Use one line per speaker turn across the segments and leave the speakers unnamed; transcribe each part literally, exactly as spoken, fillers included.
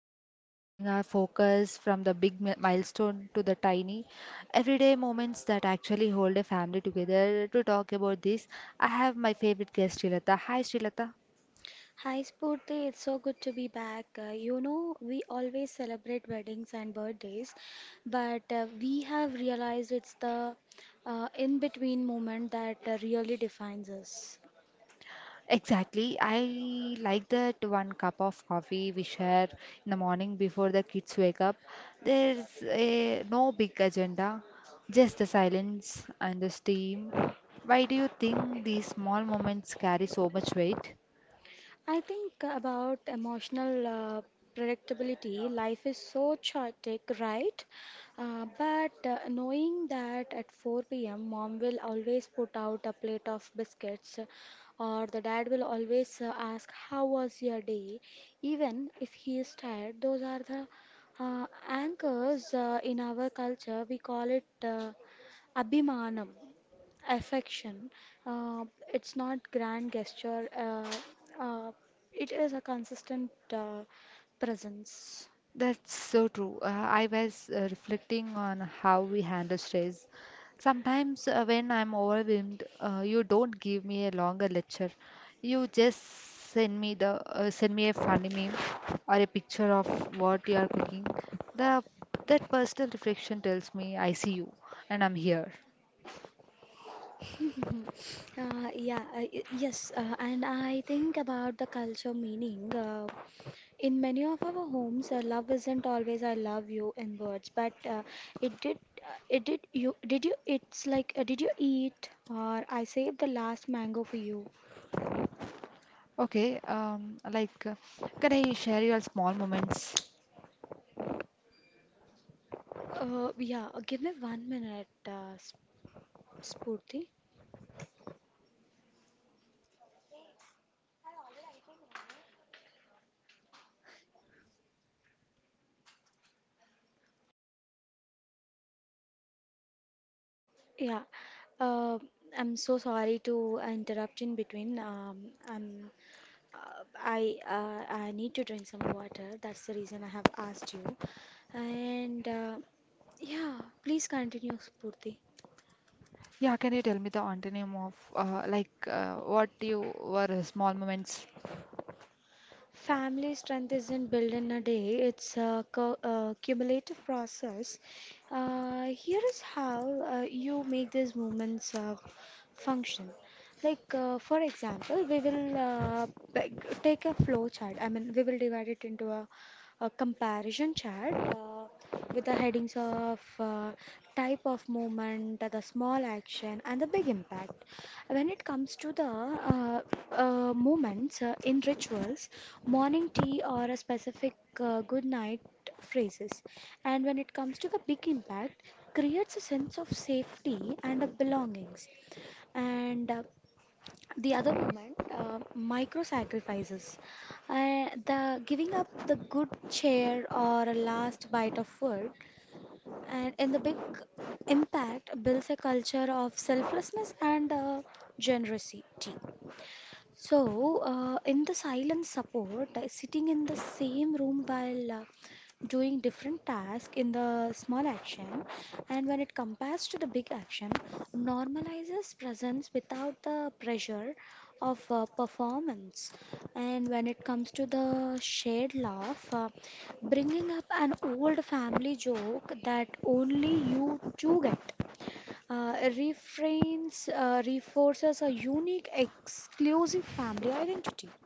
Today we are shifting our focus from the big mi- milestone to the tiny everyday moments that actually hold a family together. To talk about this, I have my favorite guest Srilata. Hi Srilata.
Hi Spurti, it's so good to be back. Uh, you know, we always celebrate weddings and birthdays, but uh, we have realized it's the uh, in-between moment that uh, really defines us.
Exactly. I like that one cup of coffee we share in the morning before the kids wake up. There's a no big agenda, just the silence and the steam. Why do you think these small moments carry so much weight?
I think about emotional uh, predictability. Life is so chaotic, right? Uh, but uh, Knowing that at four p m, mom will always put out a plate of biscuits, or the dad will always uh, ask, how was your day? Even if he is tired, those are the uh, anchors uh, in our culture. We call it uh, abhimanam affection. Uh, it's not grand gesture. Uh, uh, it is a consistent uh, presence.
That's so true. Uh, I was uh, reflecting on how we handle stress. Sometimes, uh, when I'm overwhelmed, uh, you don't give me a longer lecture. You just send me the uh, send me a funny meme or a picture of what you are cooking. The That personal reflection tells me I see you and I'm here.
Mhm. Uh, yeah, uh, y- yes, uh, and I think about the culture meaning. Uh, in many of our homes, uh, love isn't always "I love you" in words, but uh, it did, uh, it did you, did you? It's like, uh, did you eat? Or I saved the last mango for you.
Okay, um, like, uh, can I share your small moments?
Uh, yeah, give me one minute, uh, Sp- Spurti. Yeah, uh, I'm so sorry to interrupt in between. Um, um, uh, I uh, I need to drink some water. That's the reason I have asked you. And uh, yeah, please continue, Spurti.
Yeah, can you tell me the antonym of uh, like uh, what you were uh, small moments?
Family strength isn't built in a day, it's a cu- uh, cumulative process. Uh, here is how uh, you make these movements uh, function. Like, uh, for example, we will uh, p- take a flow chart. I mean, we will divide it into a, a comparison chart uh, with the headings of uh, type of movement, the small action, and the big impact. When it comes to the uh, uh, moments uh, in rituals, morning tea or a specific uh, good night phrases, and when it comes to the big impact, creates a sense of safety and of belongings. And uh, the other moment, uh, micro sacrifices, uh, the giving up the good chair or a last bite of food and in the big impact builds a culture of selflessness and uh, generosity. So, uh, in the silent support, uh, sitting in the same room while uh, doing different tasks in the small action, and when it compares to the big action, normalizes presence without the pressure of uh, performance. And when it comes to the shared laugh, uh, bringing up an old family joke that only you two get uh, refrains uh, reinforces a unique, exclusive family identity.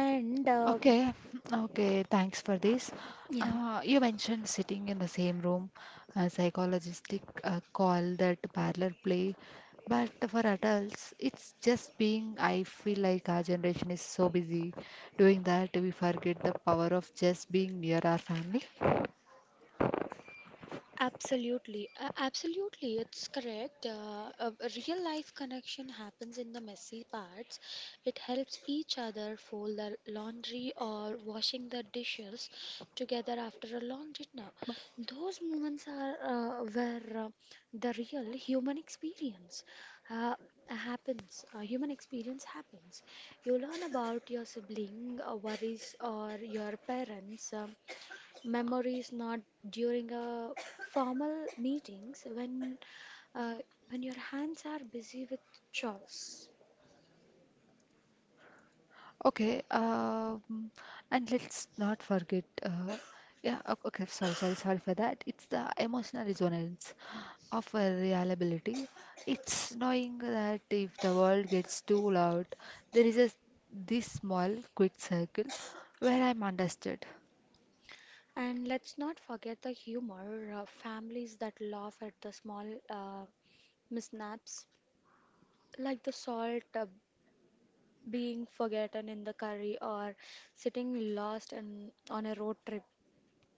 And uh,
Okay, okay, thanks for this.
yeah,
Uh, you mentioned sitting in the same room. A psychologist uh, call that parlor play, but for adults, it's just being. I feel like our generation is so busy doing that we forget the power of just being near our family.
Absolutely, uh, absolutely, it's correct. Uh, a a real life connection happens in the messy parts. It helps each other fold the laundry or washing the dishes together after a long dinner. Those moments are uh, where uh, the real human experience uh, happens. Uh, human experience happens. You learn about your sibling uh, worries or your parents' um memories, not during a formal meetings when uh, when your hands are busy with chores.
Okay, um, and let's not forget, uh, yeah, o- okay, sorry, sorry, sorry for that. It's the emotional resonance of a reliability. It's knowing that if the world gets too loud, there is a this small, quick circle where I'm understood.
And let's not forget the humor, uh, families that laugh at the small uh, mishaps like the salt uh, being forgotten in the curry or sitting lost in, on a road trip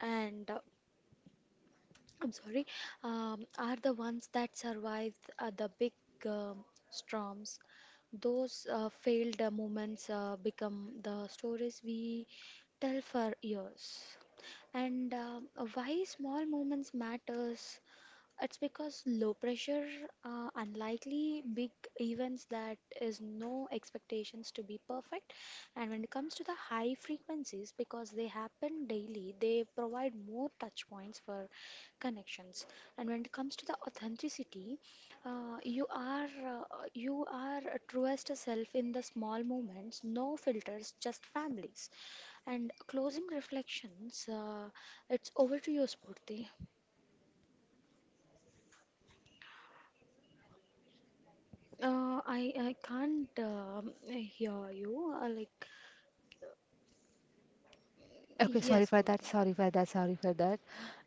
and uh, I'm sorry, um, are the ones that survived uh, the big um storms. Those uh, failed uh, moments uh, become the stories we tell for years. And um, why small moments matters, it's because low pressure, uh, unlikely big events, that is no expectations to be perfect. And when it comes to the high frequencies, because they happen daily, they provide more touch points for connections. And when it comes to the authenticity, uh, you are uh, you are a truest self in the small moments, no filters, just families. And closing reflections, uh, it's over to you, Spurti. Uh, I I can't um, hear you. Uh, like
Okay, sorry
yes,
for that.
protein.
Sorry for that. Sorry for that.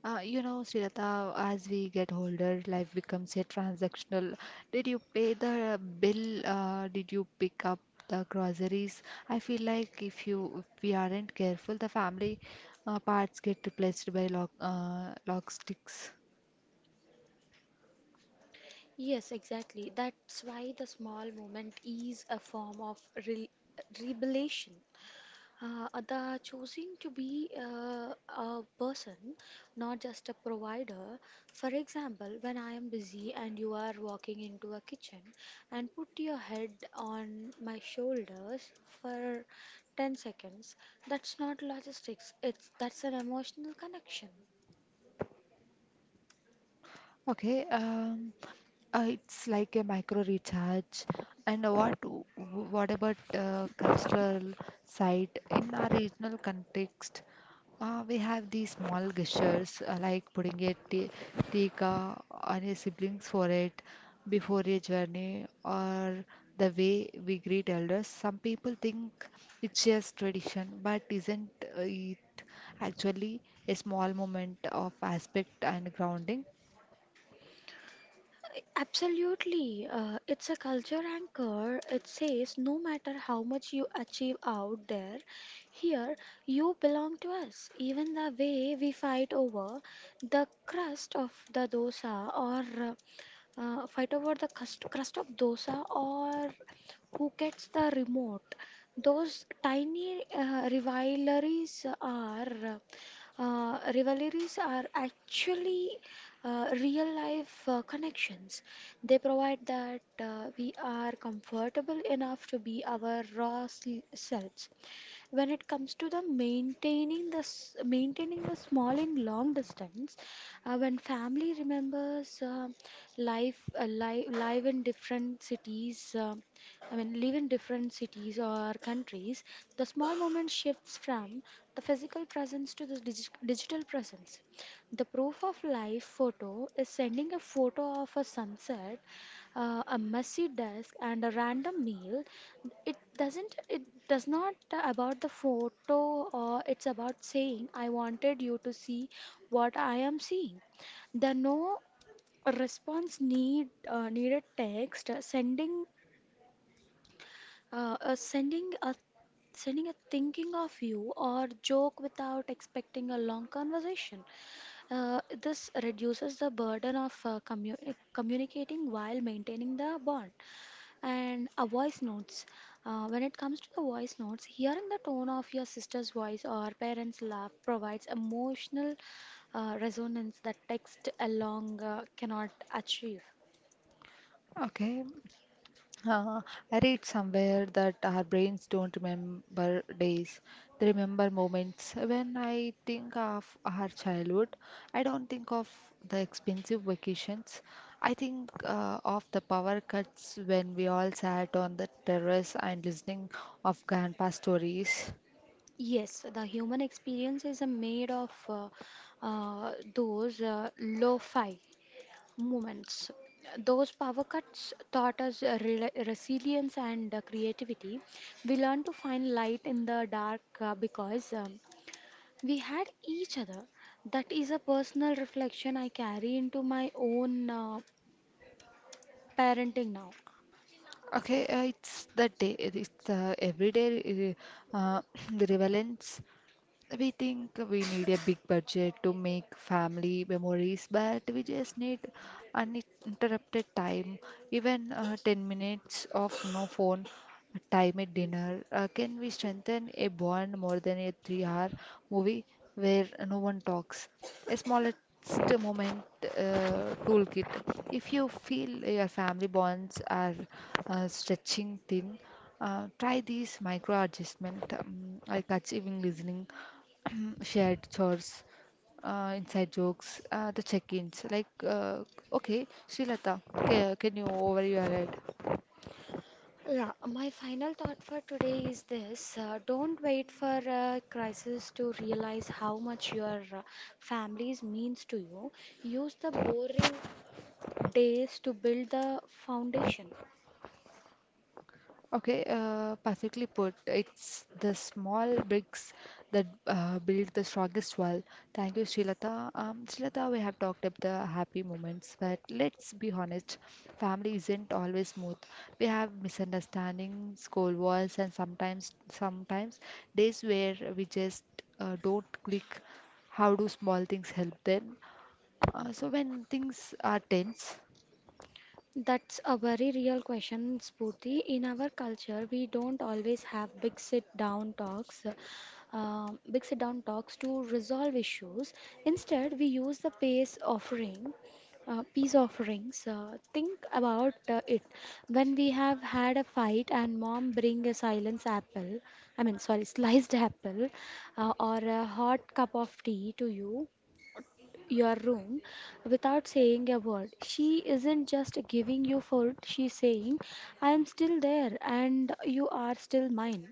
Uh, you know, Srilata, as we get older, life becomes a transactional. Did you pay the bill? Uh, did you pick up the groceries? I feel like if you if we aren't careful, the family uh, parts get replaced by lock uh, lock sticks.
Yes, exactly. That's why the small movement is a form of re revelation. Uh, uh, the choosing to be uh, a person, not just a provider. For example, when I am busy and you are walking into a kitchen and put your head on my shoulders for ten seconds, that's not logistics, it's that's an emotional connection.
Okay. Um, Uh, it's like a micro recharge. And what w- what about uh, cultural side? In our regional context, uh, we have these small gestures uh, like putting a ti- tikka on a siblings forehead before a journey or the way we greet elders. Some people think it's just tradition, but isn't uh, it actually a small moment of aspect and grounding?
Absolutely. Uh, it's a culture anchor. It says no matter how much you achieve out there, here you belong to us. Even the way we fight over the crust of the dosa or uh, uh, fight over the crust, crust of dosa or who gets the remote, those tiny uh, rivalries are uh, rivalries are actually uh, real life uh, connections. They provide that uh, we are comfortable enough to be our raw sel- selves when it comes to the maintaining the s- maintaining the small in long distance uh, when family remembers uh, life uh, li- live in different cities uh, I mean live in different cities or countries the small moment shifts from the physical presence to the digi- digital presence the proof of life photo is sending a photo of a sunset uh, a messy desk and a random meal it doesn't it does not about the photo or it's about saying I wanted you to see what I am seeing the no response need uh, needed text uh, sending uh, uh, sending a sending a thinking of you or joke without expecting a long conversation uh, this reduces the burden of uh, commu- communicating while maintaining the bond and a voice notes. Uh, when it comes to the voice notes, hearing the tone of your sister's voice or parents' laugh provides emotional uh, resonance that text alone uh, cannot achieve.
Okay, Uh, I read somewhere that our brains don't remember days, they remember moments. When I think of our childhood, I don't think of the expensive vacations. I think uh, of the power cuts when we all sat on the terrace and listening of grandpa stories.
Yes, the human experience is uh, made of uh, uh, those uh, lo-fi moments. Those power cuts taught us uh, rela resilience and uh, creativity. We learn to find light in the dark uh, because um, We had each other. That is a personal reflection I carry into my own uh, parenting now.
Okay, uh, it's the day, it's the everyday uh, relevance. We think we need a big budget to make family memories, but we just need uninterrupted time, even uh, ten minutes of no phone time at dinner. Uh, can we strengthen a bond more than a three hour movie where no one talks? A smallest moment uh, toolkit. If you feel your family bonds are uh, stretching thin, uh, try these micro adjustment um, like achieving listening shared chores, uh, inside jokes, uh, the check-ins. Like, uh, okay, Srilata, ca- can you over your head?
Yeah, my final thought for today is this uh, don't wait for a crisis to realize how much your uh, families means to you. Use the boring days to build the foundation.
Okay, uh, perfectly put. It's the small bricks that uh, build the strongest wall. Thank you, Srilata. Um, Srilata, we have talked about the happy moments, but let's be honest, family isn't always smooth. We have misunderstandings, school wars, and sometimes, sometimes days where we just uh, don't click. How do small things help then? Uh, so when things are tense.
That's a very real question, Spurti. In our culture, we don't always have big sit-down talks, uh, big sit-down talks to resolve issues. Instead, we use the pace offering, uh, peace offerings. Uh, think about uh, it. When we have had a fight and mom bring a silence apple, I mean, sorry, sliced apple, uh, or a hot cup of tea to you, your room without saying a word. She isn't just giving you food, she's saying, I am still there and you are still mine.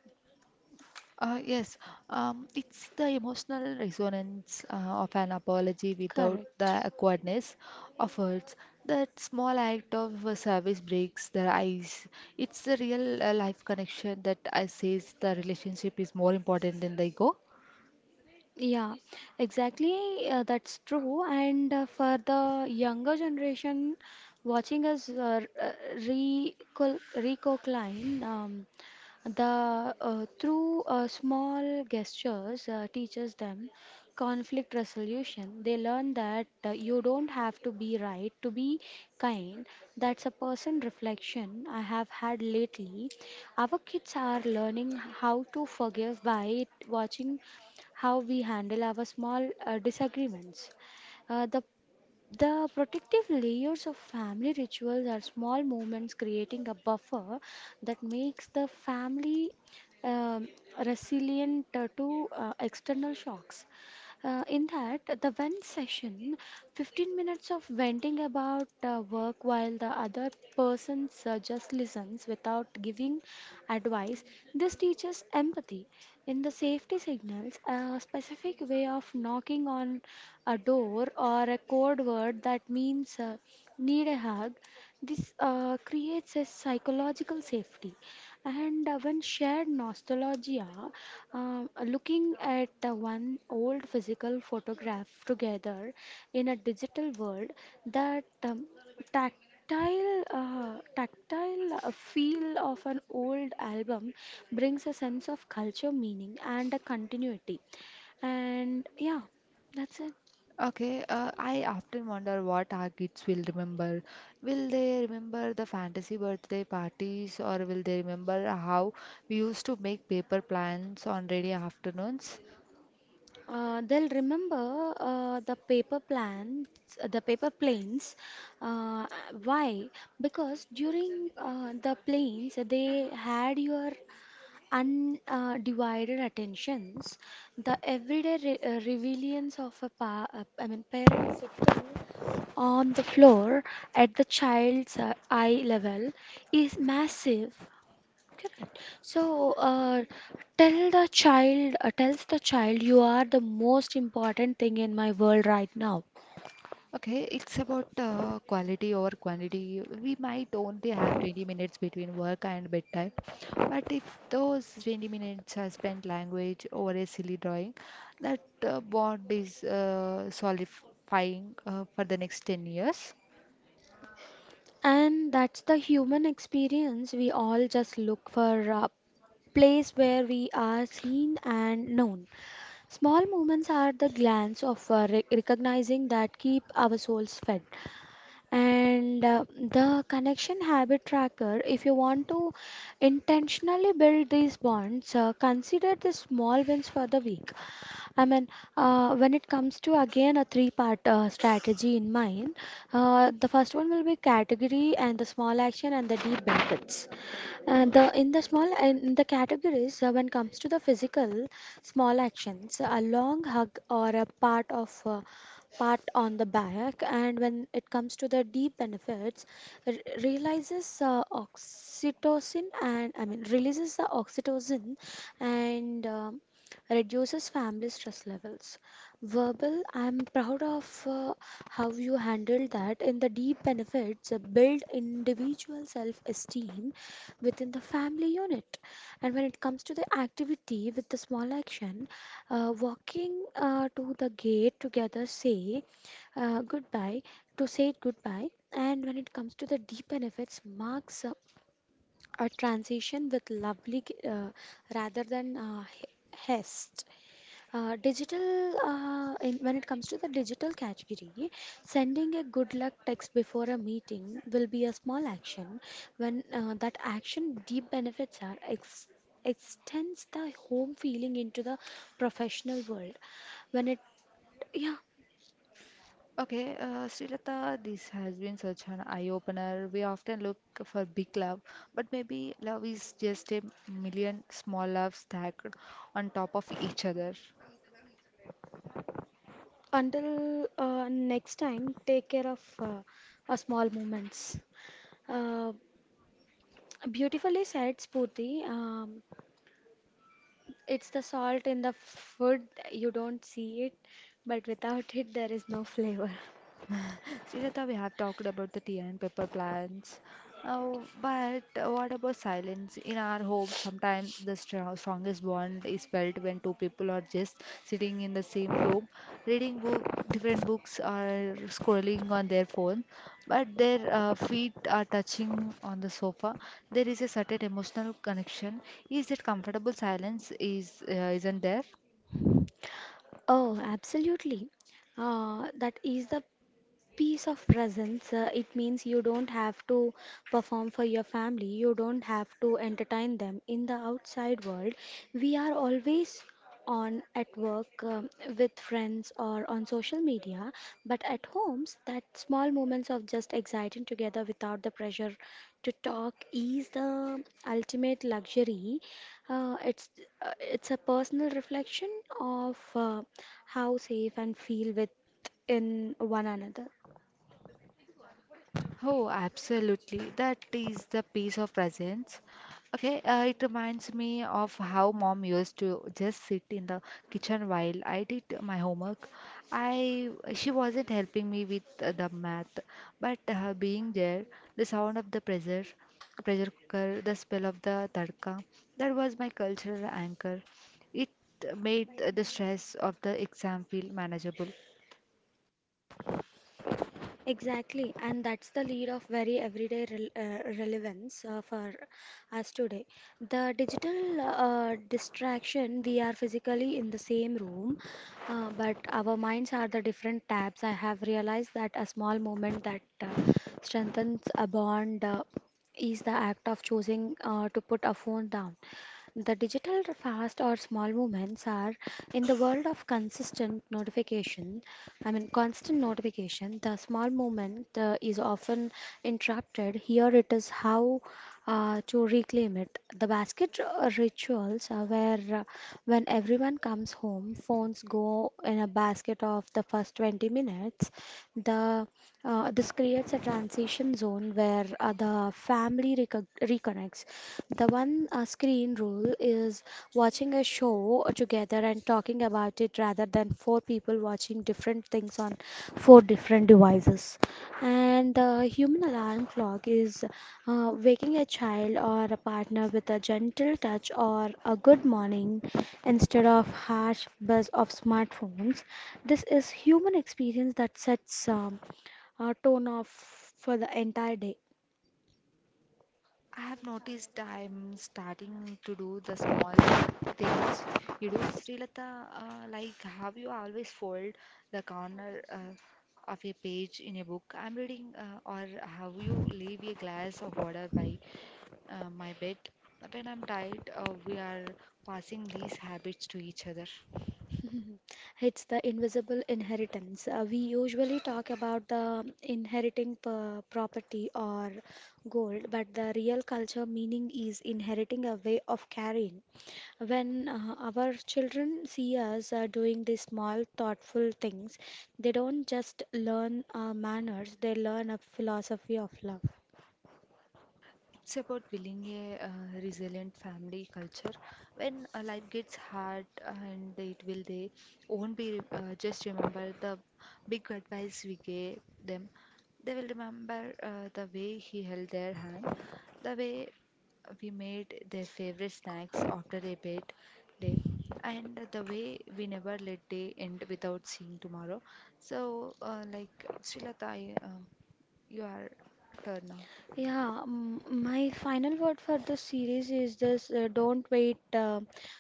Uh, yes, um, it's the emotional resonance uh, of an apology without
Correct.
the awkwardness of words. That small act of uh, service breaks the ice. It's the real uh, life connection that I says the relationship is more important than the ego.
Yeah, exactly. Uh, that's true. And uh, for the younger generation, watching us uh, r- uh, recol- recline um, the uh, through uh, small gestures uh, teaches them conflict resolution. They learn that uh, you don't have to be right to be kind. That's a person reflection I have had lately. Our kids are learning how to forgive by watching how we handle our small uh, disagreements. Uh, the the protective layers of family rituals are small movements creating a buffer that makes the family um, resilient uh, to uh, external shocks. Uh, in that, the vent session, fifteen minutes of venting about uh, work while the other person uh, just listens without giving advice, this teaches empathy. In the safety signals, a specific way of knocking on a door or a code word that means uh, need a hug, this uh, creates a psychological safety. And uh, when shared nostalgia, um, looking at uh, one old physical photograph together in a digital world, that um, tactile uh, tactile uh, feel of an old album brings a sense of culture meaning and a continuity, and yeah, that's it.
Okay, uh, I often wonder what our kids will remember. Will they remember the fantasy birthday parties, or will they remember how we used to make paper plans on rainy afternoons?
Uh, they'll remember uh, the paper plans, uh, the paper planes. Uh, why? Because during uh, the planes, they had your undivided attentions. The everyday re uh, rebellions of a pa uh, I mean parent on the floor at the child's uh, eye level is massive. Correct. So, uh, tell the child, uh, tells the child, you are the most important thing in my world right now.
Okay, it's about uh, quality over quantity. We might only have twenty minutes between work and bedtime, but if those twenty minutes are spent language over a silly drawing, that uh, bond is uh, solidifying uh, for the next ten years.
And that's the human experience. We all just look for a place where we are seen and known. Small moments are the glance of uh, re- recognizing that keep our souls fed. And uh, the connection habit tracker, if you want to intentionally build these bonds, uh, consider the small wins for the week. I mean, uh, when it comes to again a three-part uh, strategy in mind, uh, the first one will be category and the small action and the deep benefits. Uh, the in the small in the categories, uh, when comes to the physical small actions, a long hug or a part of uh, part on the back, and when it comes to the deep benefits, re- realizes uh, oxytocin and I mean releases the oxytocin and um reduces family stress levels. Verbal, I'm proud of uh, how you handled that. In the deep benefits, uh, build individual self-esteem within the family unit. And when it comes to the activity with the small action, uh, walking uh, to the gate together, say uh, goodbye, to say it goodbye. And when it comes to the deep benefits, marks uh, a transition with lovely uh, rather than uh, he- haste. Uh, digital, uh, in, when it comes to the digital category, sending a good luck text before a meeting will be a small action. When uh, that action deep benefits are ex extends the home feeling into the professional world. When it, yeah,
Okay, uh, Srilata, this has been such an eye-opener. We often look for big love, but maybe love is just a million small loves stacked on top of each other.
until uh, next time, take care of uh, our small moments. Uh, Beautifully said, Spurti. Um, It's the salt in the food, you don't see it, but without it, there is no flavor.
Srilata, we have talked about the tea and paper plants, uh, but what about silence? In our home, sometimes the str- strongest bond is felt when two people are just sitting in the same room, reading book, different books, or scrolling on their phone, but their uh, feet are touching on the sofa. There is a certain emotional connection. Is it comfortable silence? Is uh, isn't there?
Oh, absolutely. Uh, that is the peace of presence, uh, it means you don't have to perform for your family, you don't have to entertain them. In the outside world, we are always on at work, um, with friends or on social media, but at homes, that small moments of just exciting together without the pressure to talk is the ultimate luxury. Uh, it's uh, it's a personal reflection of uh, how safe and feel with in one another.
Oh, absolutely. That is the piece of presence. Okay, uh, it reminds me of how mom used to just sit in the kitchen while I did my homework. I she wasn't helping me with uh, the math, but uh, being there, the sound of the pressure, pressure cooker, the smell of the tadka, that was my cultural anchor. It made the stress of the exam feel manageable.
Exactly, and that's the lead of very everyday rel uh, relevance uh, for us today. The digital uh, distraction, we are physically in the same room, uh, but our minds are the different tabs. I have realized that a small moment that uh, strengthens a bond uh, is the act of choosing uh, to put a phone down. The digital fast or small movements are in the world of consistent notification. I mean, constant notification, the small movement uh, is often interrupted. Here it is how uh, to reclaim it. The basket uh, rituals are where uh, when everyone comes home, phones go in a basket of the first twenty minutes. The uh, This creates a transition zone where uh, the family recog reconnects. The one uh, screen rule is watching a show together and talking about it rather than four people watching different things on four different devices. And the human alarm clock is uh, waking a child or a partner with a gentle touch or a good morning instead of harsh buzz of smartphones. This is human experience that sets um, uh, tone off for the entire day.
I have noticed I'm starting to do the small things you do. Srilata, uh, like have you always fold the corner uh, of a page in a book I'm reading, uh, or have you leave a glass of water by uh, my bed? When I'm tired, uh, we are passing these habits to each other.
It's the invisible inheritance. Uh, we usually talk about the inheriting p- property or gold, but the real culture meaning is inheriting a way of carrying. When uh, our children see us uh, doing these small, thoughtful things, they don't just learn uh, manners, they learn a philosophy of love.
It's about building a uh, resilient family culture when uh, life gets hard and it will they won't be uh, just remember the big advice we gave them. They will remember uh, the way he held their hand, the way we made their favorite snacks after a bad day, and the way we never let day end without seeing tomorrow. So uh, like Srilata I, um you are turn now.
Yeah, mm, my final word for the series is this: uh, don't wait uh,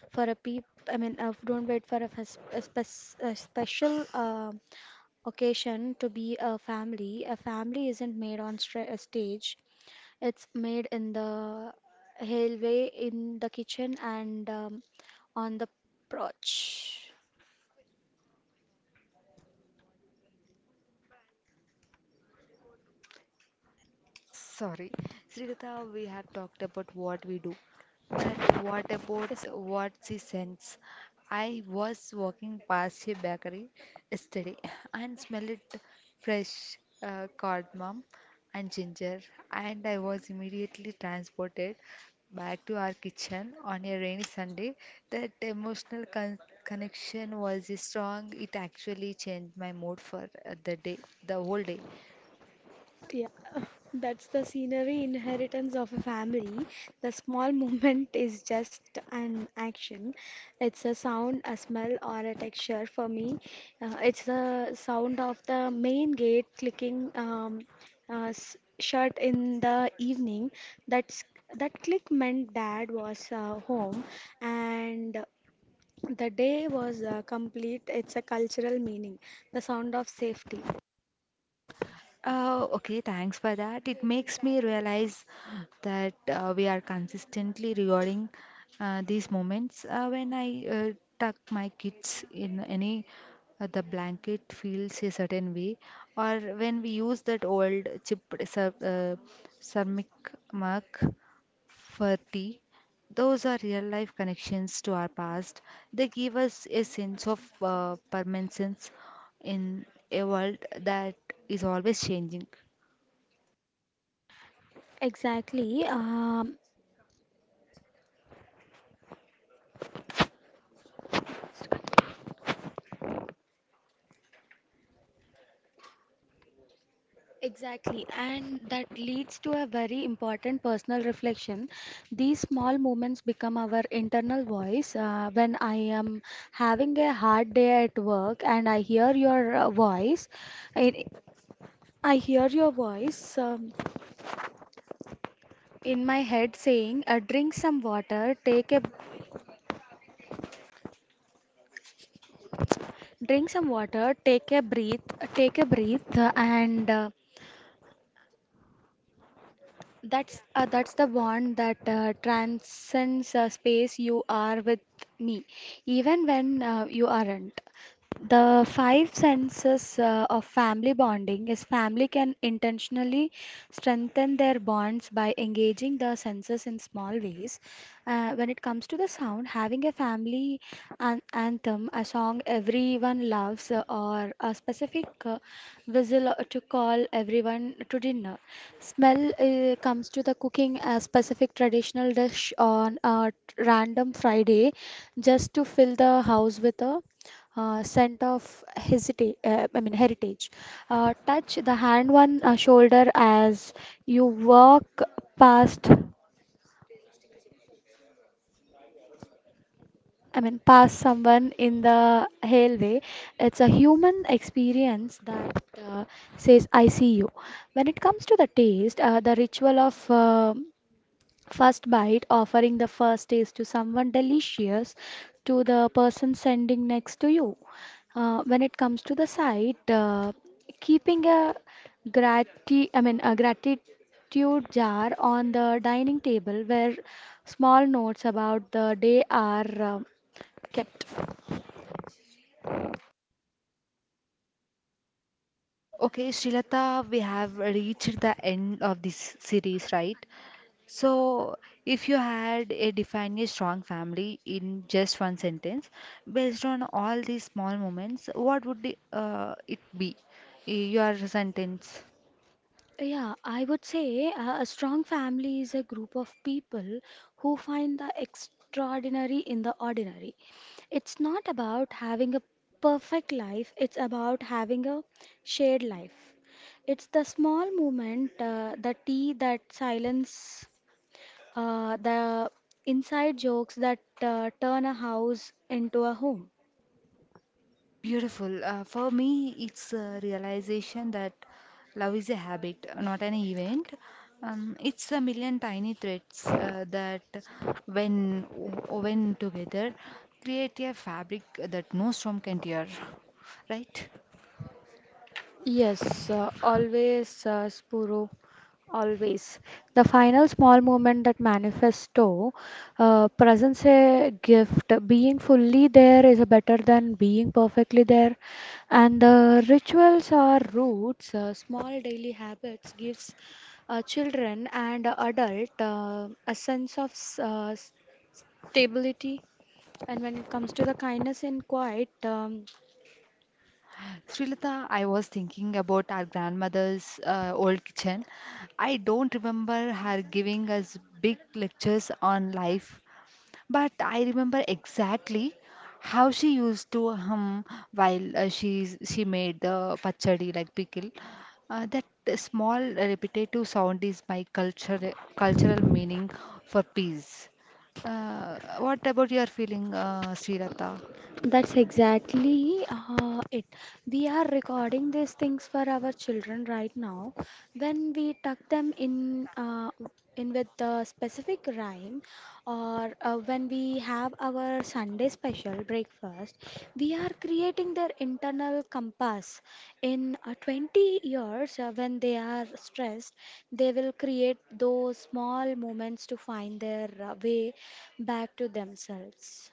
for a peep. I mean, uh, don't wait for a, fes- a, spec- a special uh, occasion to be a family. A family isn't made on stra- a stage; it's made in the hallway, in the kitchen, and um, on the porch.
Sorry, Srikatha, we have talked about what we do, but what about
Okay,
what she sends? I was walking past a bakery yesterday and smelled it fresh uh, cardamom and ginger, and I was immediately transported back to our kitchen on a rainy Sunday. That emotional con connection was strong. It actually changed my mood for uh, the day, the whole day.
yeah, that's the scenery inheritance of a family. The small movement is just an action. It's a sound, a smell, or a texture for me. Uh, it's the sound of the main gate clicking, um, uh, s- shut in the evening. That's that click meant dad was uh, home and the day was uh, complete. It's a cultural meaning, the sound of safety.
Uh, okay, thanks for that. It makes me realize that uh, we are consistently rewarding uh, these moments. Uh, when I uh, tuck my kids in any, uh, the blanket feels a certain way, or when we use that old chipped cer uh, ceramic mug for tea. Those are real life connections to our past. They give us a sense of uh, permanence in a world that is always changing.
Exactly. Um Exactly, and that leads to a very important personal reflection. These small moments become our internal voice. Uh, when I am having a hard day at work and I hear your uh, voice, I, I hear your voice, um, in my head saying, uh, "Drink some water, take a drink some water, take a breath, take a breath," uh, and uh, That's uh, that's the bond that uh, transcends uh, space. You are with me, even when uh, you aren't. The five senses uh, of family bonding is family can intentionally strengthen their bonds by engaging the senses in small ways. Uh, when it comes to the sound, having a family an anthem, a song everyone loves, uh, or a specific uh, whistle to call everyone to dinner. Smell uh, comes to the cooking a specific traditional dish on a t- random Friday just to fill the house with a uh, scent of hesita- uh, I mean heritage. Uh, touch the hand one uh, shoulder as you walk past I mean past someone in the hallway. It's a human experience that uh, says I see you. When it comes to the taste, uh, the ritual of um first bite offering the first taste to someone delicious to the person sending next to you, uh, when it comes to the side, uh, keeping a grati i mean a gratitude jar on the dining table where small notes about the day are uh, kept.
Okay, Shilata, we have reached the end of this series, right? So, if you had a define a strong family in just one sentence, based on all these small moments, what would the, uh, it be? Y- Your sentence.
Yeah, I would say uh, a strong family is a group of people who find the extraordinary in the ordinary. It's not about having a perfect life, it's about having a shared life. It's the small movement, uh, the tea that silence, uh, the inside jokes that uh, turn a house into a home.
Beautiful. Uh, for me, it's a realization that love is a habit, not an event. Um, it's a million tiny threads uh, that, when woven together, create a fabric that no storm can tear. Right?
Yes, uh, always, uh, Spuro. Always. The final small moment that manifesto uh, presents a gift. Being fully there is better than being perfectly there. And the rituals are roots, uh, small daily habits gives uh, children and adult uh, a sense of s- uh, stability. And when it comes to the kindness in quiet, um,
Srilata, I was thinking about our grandmother's uh, old kitchen. I don't remember her giving us big lectures on life, but I remember exactly how she used to hum while uh, she she made the pachadi like pickle. Uh, that small repetitive sound is my culture, cultural meaning for peace. Uh, what about your feeling, uh, Srilata?
that's exactly uh, it. We are recording these things for our children right now. When we tuck them in, uh, in with the specific rhyme, or uh, when we have our Sunday special breakfast, we are creating their internal compass. In uh, twenty years, uh, when they are stressed, they will create those small moments to find their uh, way back to themselves.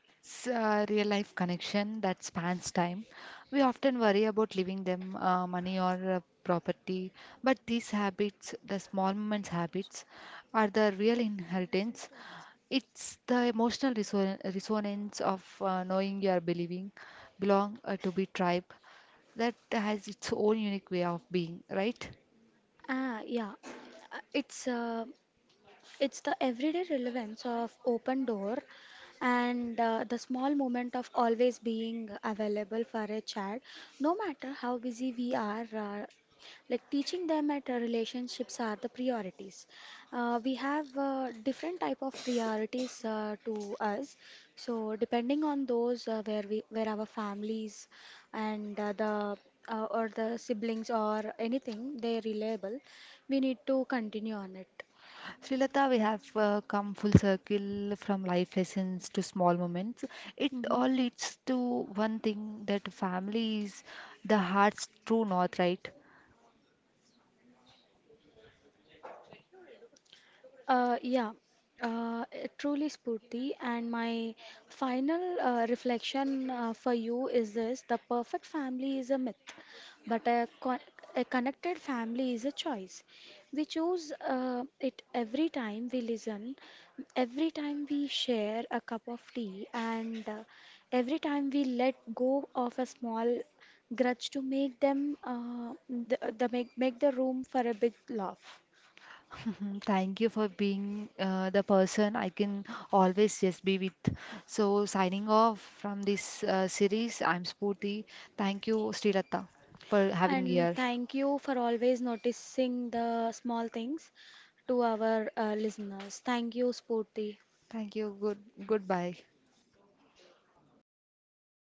It's a real life connection that spans time. We often worry about leaving them uh, money or uh, property, but these habits, the small moments habits, are the real inheritance. It's the emotional reson- resonance of uh, knowing you are believing, belong uh, to be tribe that has its own unique way of being, right?
Ah, yeah. Uh, It's uh, it's the everyday relevance of open door and uh, the small moment of always being available for a child, no matter how busy we are. Uh, like teaching them at uh, relationships are the priorities. Uh, we have uh, different type of priorities uh, to us. So depending on those uh, where we where our families and uh, the uh, or the siblings or anything they reliable, we need to continue on it.
Srilata, we have uh, come full circle from life lessons to small moments. It
Mhm.
all leads to one thing that family is the heart's true north, right?
Uh, yeah, uh, it truly Spurti. And my final uh, reflection uh, for you is this: the perfect family is a myth, but a, con a connected family is a choice. We choose uh, it every time we listen, every time we share a cup of tea, and uh, every time we let go of a small grudge to make them uh, the, the make make the room for a big laugh.
Thank you for being uh, the person I can always just be with. So, signing off from this uh, series, I'm Spooty. Thank you, Srilata, for having
And
here.
thank you for always noticing the small things to our uh, listeners. Thank you, Spurti.
Thank you. Good goodbye.